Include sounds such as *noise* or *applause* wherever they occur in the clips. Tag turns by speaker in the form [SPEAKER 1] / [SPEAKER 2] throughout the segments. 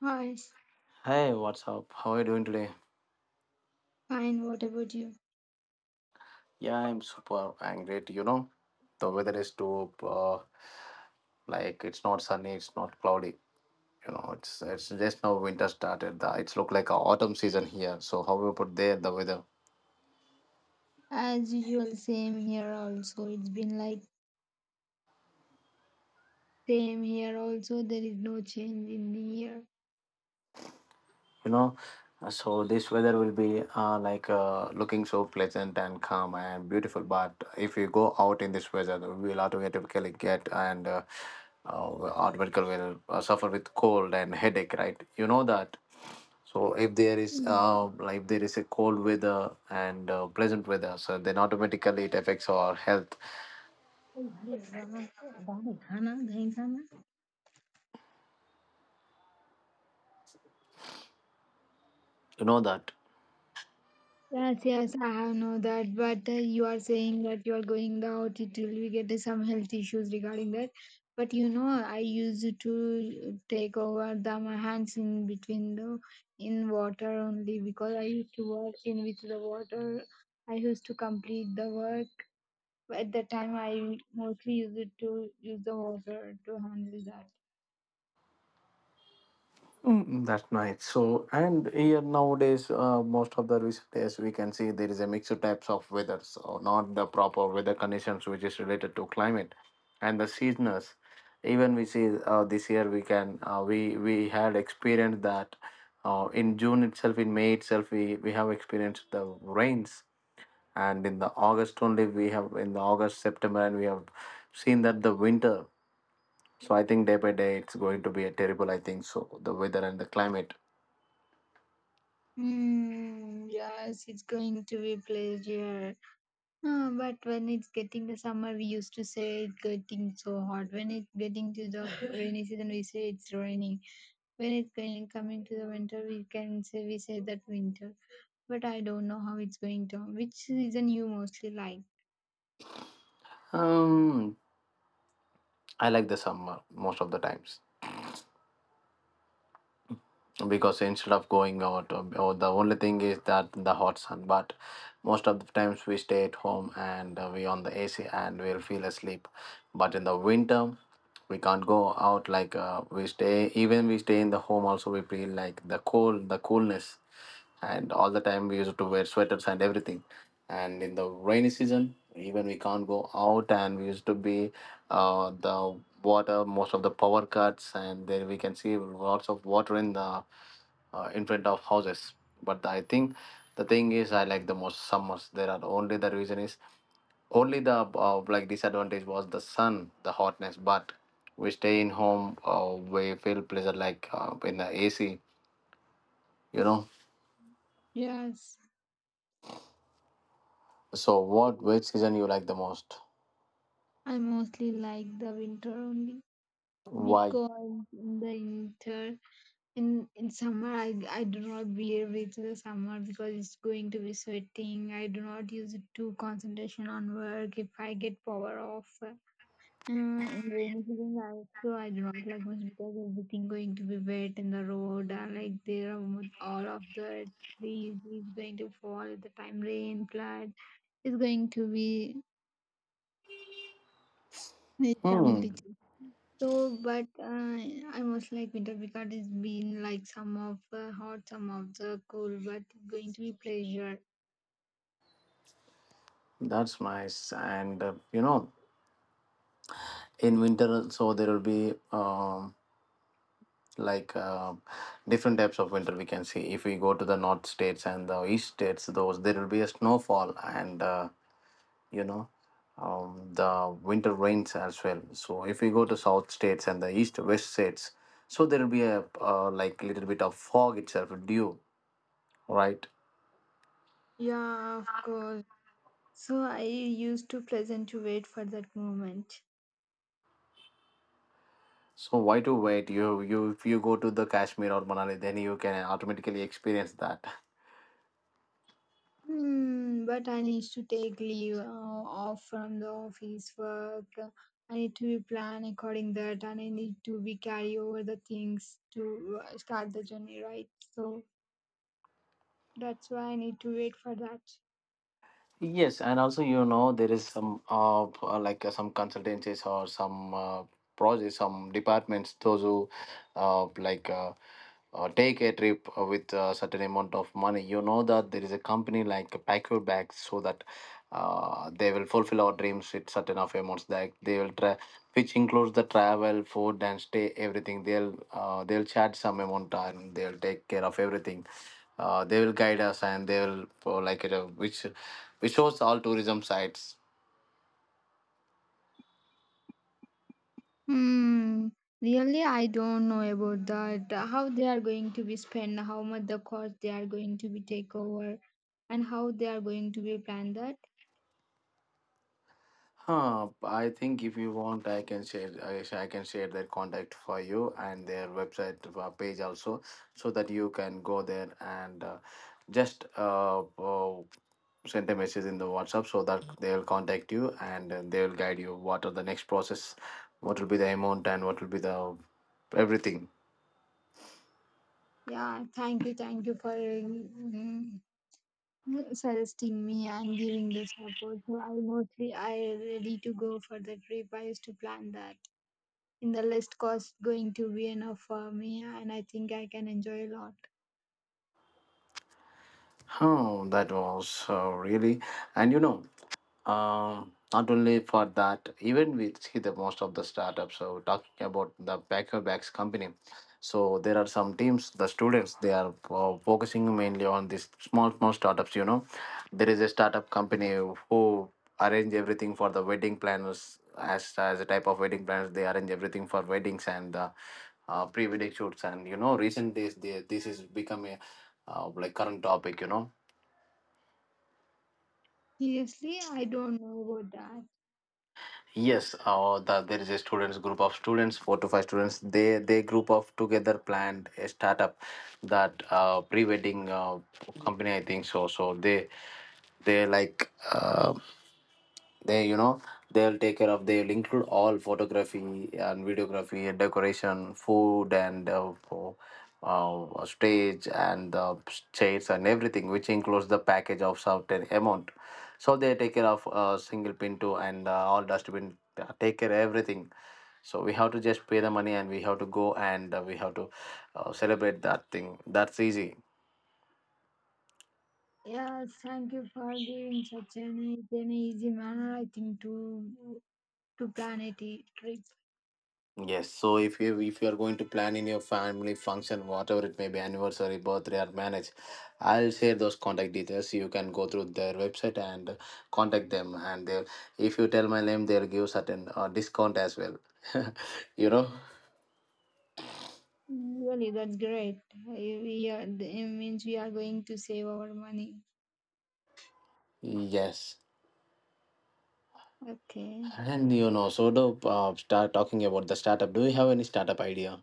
[SPEAKER 1] Hi, s-
[SPEAKER 2] Hey, what's up? How are you doing today?
[SPEAKER 1] fine. What about you?
[SPEAKER 2] Yeah, I'm super I great. You know, the weather is too like it's not sunny, it's not cloudy. You know, it's just now winter started. It's look like a autumn season here. So how we put there the weather?
[SPEAKER 1] As usual, same here also. It's been like same here also. There is no change in the year.
[SPEAKER 2] You know, so this weather will be like looking so pleasant and calm and beautiful. But if you go out in this weather, we'll automatically get and automatically will suffer with cold and headache, right? You know that. So if there is
[SPEAKER 1] Hmm.
[SPEAKER 2] like if there is a cold weather and pleasant weather, so then automatically it affects our health.
[SPEAKER 1] अरे वाह, क्या बात है, खाना, दही खाना।
[SPEAKER 2] You know that.
[SPEAKER 1] Yes, yes, I have know that. But you are saying that you are going out, it will be get some health issues regarding that. But you know, I used to take over the my hands in between the in water only because I used to work in with the water. I used to complete the work. At the time, I mostly used to use the water to handle that.
[SPEAKER 2] Mm, that's nice. So and here nowadays, most of the recent days we can see there is a mixed types of weather. So not the proper weather conditions which is related to climate and the seasons. Even we see this year we can we had experienced that in June itself, in May itself, we have experienced the rains, and in the August only we have, in the August, September, and we have seen that the winter. So I think day by day it's going to be a terrible, I think so, the weather and the climate.
[SPEAKER 1] Hmm. Yes, it's going to be pleasure. Ah, but when it's getting the summer, we used to say it's getting so hot. When it's getting to the *laughs* rainy season, we say it's raining. When it's going coming to the winter, we say that winter. But I don't know how it's going to. Which season you mostly like?
[SPEAKER 2] um I like the summer most of the times, because instead of going out, the only thing is that the hot sun, but most of the times we stay at home and we on the AC and we'll feel asleep. But in the winter we can't go out, like we stay even we stay in the home also, we feel like the cold, the coolness, and all the time we used to wear sweaters and everything. And in the rainy season, even we can't go out, and we used to be the water, most of the power cuts, and there we can see lots of water in the in front of houses. But I think the thing is, I like the most summers. There are only, the reason is only the like disadvantage was the sun, the hotness, but we stay in home, we feel pleasure, like in the AC, you know.
[SPEAKER 1] Yes,
[SPEAKER 2] So what wet season you like the most?
[SPEAKER 1] I mostly like the winter only
[SPEAKER 2] Why?
[SPEAKER 1] because in the winter in summer I do not wear with the summer because it's going to be sweating. I do not use it to concentration on work if I get power off. In the rainy season I also I do not like much because everything going to be wet in the road, like there are all of the trees is going to fall at the time rain. Flood is going to be some
[SPEAKER 2] Hmm,
[SPEAKER 1] glitches. So, but I was like winter picard has been like some of the hot, some of the cool, but going to be pleasure.
[SPEAKER 2] that's nice. And you know, in winter, so there will be like uh, different types of winter we can see. If we go to the north states and the east states, those there will be a snowfall, and you know, the winter rains as well. So if we go to south states and the east west states, so there will be a like little bit of fog itself, dew, right?
[SPEAKER 1] Yeah, of course. So I used to present to wait for that moment.
[SPEAKER 2] So why to wait? You if you go to the Kashmir or Manali, then you can automatically experience that.
[SPEAKER 1] Hmm, but I need to take leave off from the office work. I need to be plan according that, and I need to be carry over the things to start the journey, right? So that's why I need to wait for that.
[SPEAKER 2] Yes, and also you know there is some like some consultancies or some projects, some departments those who uh like uh, take a trip with a certain amount of money. You know that there is a company like Pack Your Bags, so that they will fulfill our dreams with certain of amounts that they will try, which includes the travel, food, and stay, everything. They'll charge some amount and they'll take care of everything. They will guide us and they will which we shows all tourism sites.
[SPEAKER 1] Hmm. Really, I don't know about that. How they are going to be spent, how much the cost they are going to be take over, and how they are going to be planned that.
[SPEAKER 2] Huh, I think if you want, I can share. I can share their contact for you and their website page also, so that you can go there and just send a message in the WhatsApp so that they'll contact you and they'll guide you what are the next process, what will be the amount, and what will be the everything.
[SPEAKER 1] Yeah, thank you for suggesting me and giving the support. So I mostly I ready to go for the trip. I used to plan that. In the list cost going to be enough for me, and I think I can enjoy a lot.
[SPEAKER 2] Oh, that was really, and you know. Not only for that, even we see the most of the startups. So talking about the Packer Bags company, so there are some teams, the students, they are focusing mainly on these small small startups. You know, there is a startup company who arrange everything for the wedding planners. As a type of wedding planners, they arrange everything for weddings and pre-wedding shoots. And you know, recent days, they, this is become a like current topic. You know,
[SPEAKER 1] Seriously, I don't know about that.
[SPEAKER 2] yes, there is a students group of students, four to five students. They group of together planned a startup, that pre wedding company I think so. So they like. Uh, they you know they'll take care of, they'll include all photography and videography and decoration food and stage and chairs and everything, which includes the package of certain amount. So they take care of single pin too, and all dustbin take care everything. So we have to just pay the money and we have to go and we have to celebrate that thing. That's easy.
[SPEAKER 1] Yes, thank you for giving such an easy manner, I think, to plan a trip.
[SPEAKER 2] Yes, so if you are going to plan in your family function, whatever it may be, anniversary, birthday, or marriage, I'll share those contact details. You can go through their website and contact them, and they'll, if you tell my name, they'll give certain discount as well. *laughs* You know,
[SPEAKER 1] Really, that's great. We are, it means we are going to save our money.
[SPEAKER 2] yes,
[SPEAKER 1] Okay.
[SPEAKER 2] and you know, so to start talking about the startup. Do you have any startup idea?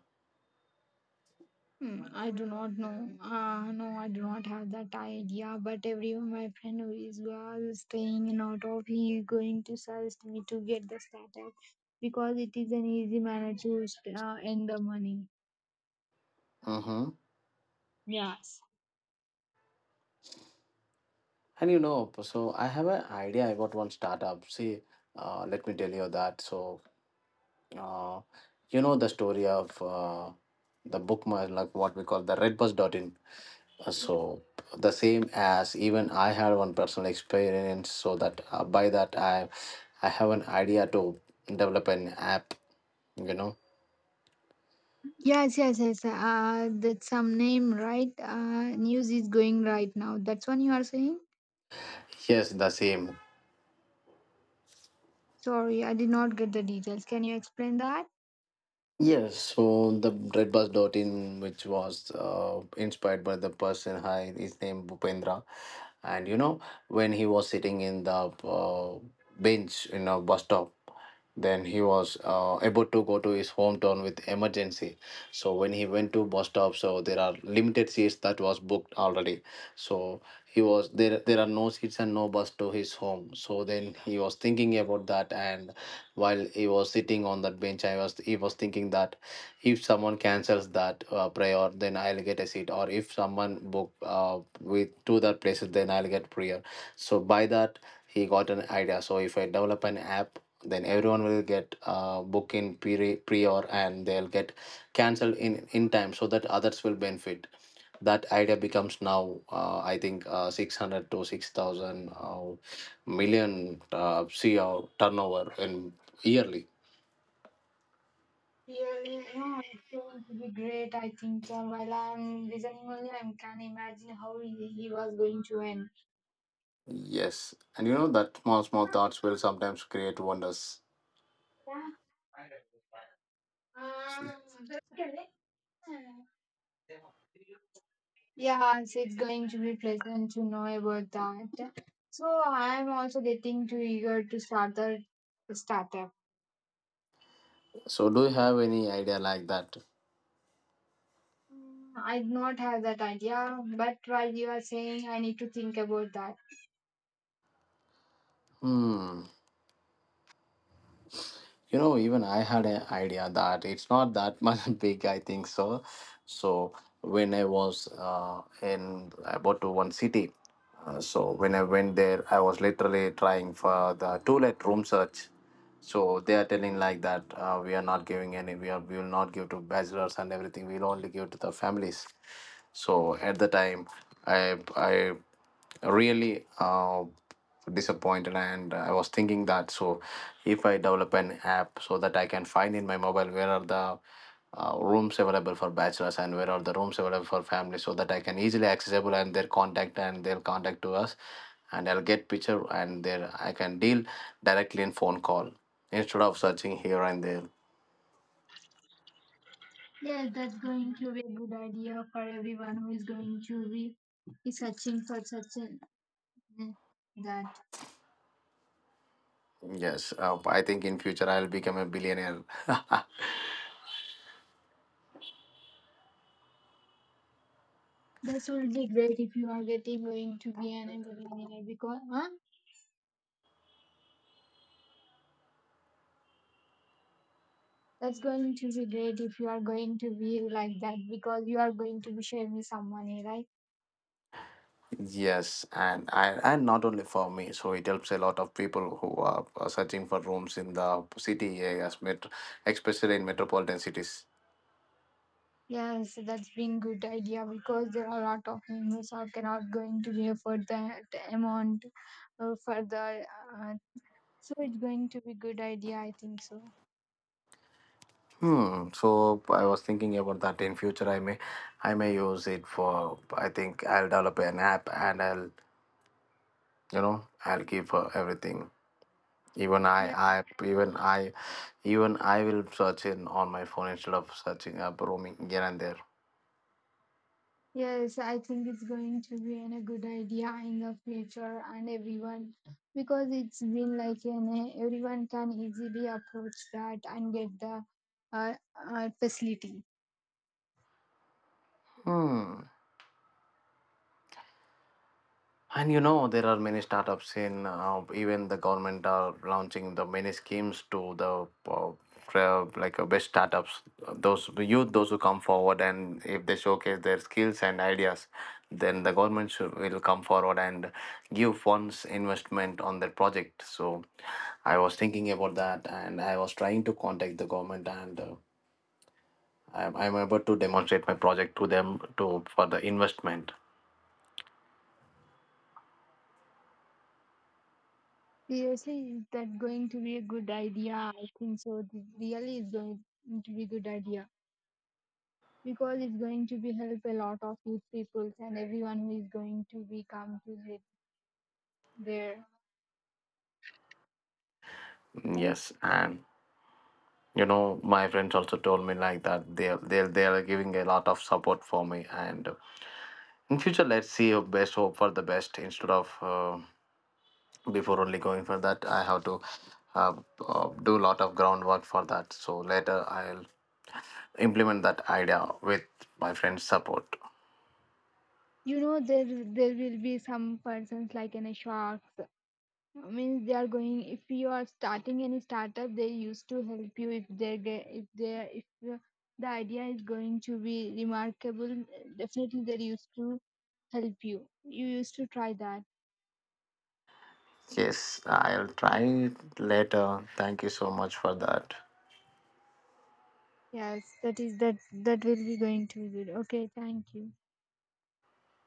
[SPEAKER 1] Hmm, I do not know. No, I do not have that idea. But everyone, my friend who is was staying in out of, he is going to suggest me to get the startup because it is an easy manner to earn the money.
[SPEAKER 2] Mm-hmm.
[SPEAKER 1] Yes.
[SPEAKER 2] And you know, so I have an idea about one startup. See, let me tell you that. So Uh, you know the story of the bookmark, like what we call the redbus.in. So the same as, even I had one personal experience, so that by that I have an idea to develop an app. You know,
[SPEAKER 1] Yes, yes, yes. That's some name, right? News is going right now. That's what you are saying?
[SPEAKER 2] yes, the same.
[SPEAKER 1] Sorry, I did not get the details. Can you explain that?
[SPEAKER 2] Yes, so the redbus.in, which was inspired by the person, hi, his name Bupendra. And you know, when he was sitting in the bench in a bus stop, then he was about to go to his hometown with emergency. So when he went to bus stop, so there are limited seats that was booked already. So he was there. There are no seats and no bus to his home. So then he was thinking about that, and while he was sitting on that bench, I was he was thinking that if someone cancels that prayer, then I'll get a seat. Or if someone book with to that places, then I'll get prayer. So by that he got an idea, so if I develop an app, then everyone will get book in prior, and they'll get cancelled in time, so that others will benefit. That idea becomes now, I think 600 to 6,000 million cr turnover in yearly.
[SPEAKER 1] Really, yeah, it's going to be great. I think so. While I'm listening only, I can imagine how he was going to end.
[SPEAKER 2] Yes, and you know that small small thoughts will sometimes create wonders.
[SPEAKER 1] Yeah. Um, yeah, so it's going to be pleasant to know about that. So I'm also getting too eager to start the startup.
[SPEAKER 2] So do you have any idea like that?
[SPEAKER 1] Mm, I did not have that idea, but while you are saying, I need to think about that.
[SPEAKER 2] Hmm, you know, even I had an idea that it's not that much *laughs* big, I think so. So when I was in about to one city, so when I went there, I was literally trying for the toilet room search. So they are telling like that, we are not giving any, we will not give to bachelors and everything, we'll only give to the families. So at the time, I really disappointed, and I was thinking that so if I develop an app so that I can find in my mobile where are the rooms available for bachelors and where are the rooms available for families, so that I can easily accessible, and their contact to us, and I'll get picture and there I can deal directly in phone call, instead of searching here and there.
[SPEAKER 1] Yes, that's going to be a good idea for everyone who is going to be searching for such an, mm, that.
[SPEAKER 2] Yes, I think in future I'll become a billionaire. *laughs*
[SPEAKER 1] That's will be great if you are getting going to be an engineer because huh? That's going to be great if you are going to be like that because you are going to be sharing with someone, eh, right?
[SPEAKER 2] Yes, and not only for me, so it helps a lot of people who are searching for rooms in the city areas, especially in metropolitan cities.
[SPEAKER 1] Yes, that's been good idea because there are a lot of members who cannot going to be afford that amount further. Uh, so it's going to be good idea, I think so.
[SPEAKER 2] Hmm. So I was thinking about that in future. I may use it for. I think I'll develop an app and I'll, you know, I'll give her everything. Even
[SPEAKER 1] Yeah.
[SPEAKER 2] I, even I, even I will search in on my phone instead of searching up roaming here and there.
[SPEAKER 1] Yes, I think it's going to be an, a good idea in the future and everyone because it's been like an, everyone can easily approach that and get the uh, facility.
[SPEAKER 2] Hmm. And you know, there are many startups in even the government are launching the many schemes to the like best startups. Those the youth, those who come forward, and if they showcase their skills and ideas, then the government will come forward and give funds investment on their project. So I was thinking about that, and I was trying to contact the government, and I'm able to demonstrate my project to them to for the investment.
[SPEAKER 1] Seriously, is that going to be a good idea? I think so. It really is going to be a good idea, because it's going to be help a lot of youth peoples and everyone who is going to be come to there, right?
[SPEAKER 2] Yes, and you know my friends also told me like that they are giving a lot of support for me, and in future let's see your best, hope for the best. Instead of before only going for that, I have to uh, do a lot of groundwork for that, so later I'll implement that idea with my friend's support.
[SPEAKER 1] You know, there will be some persons like in a sharks. I mean they are going, if you are starting any startup they used to help you, if they get if the the idea is going to be remarkable, definitely they used to help you. You used to try that.
[SPEAKER 2] Yes, I'll try it later. Thank you so much for that.
[SPEAKER 1] Yes, that is that that will be going to be good. Okay, thank you.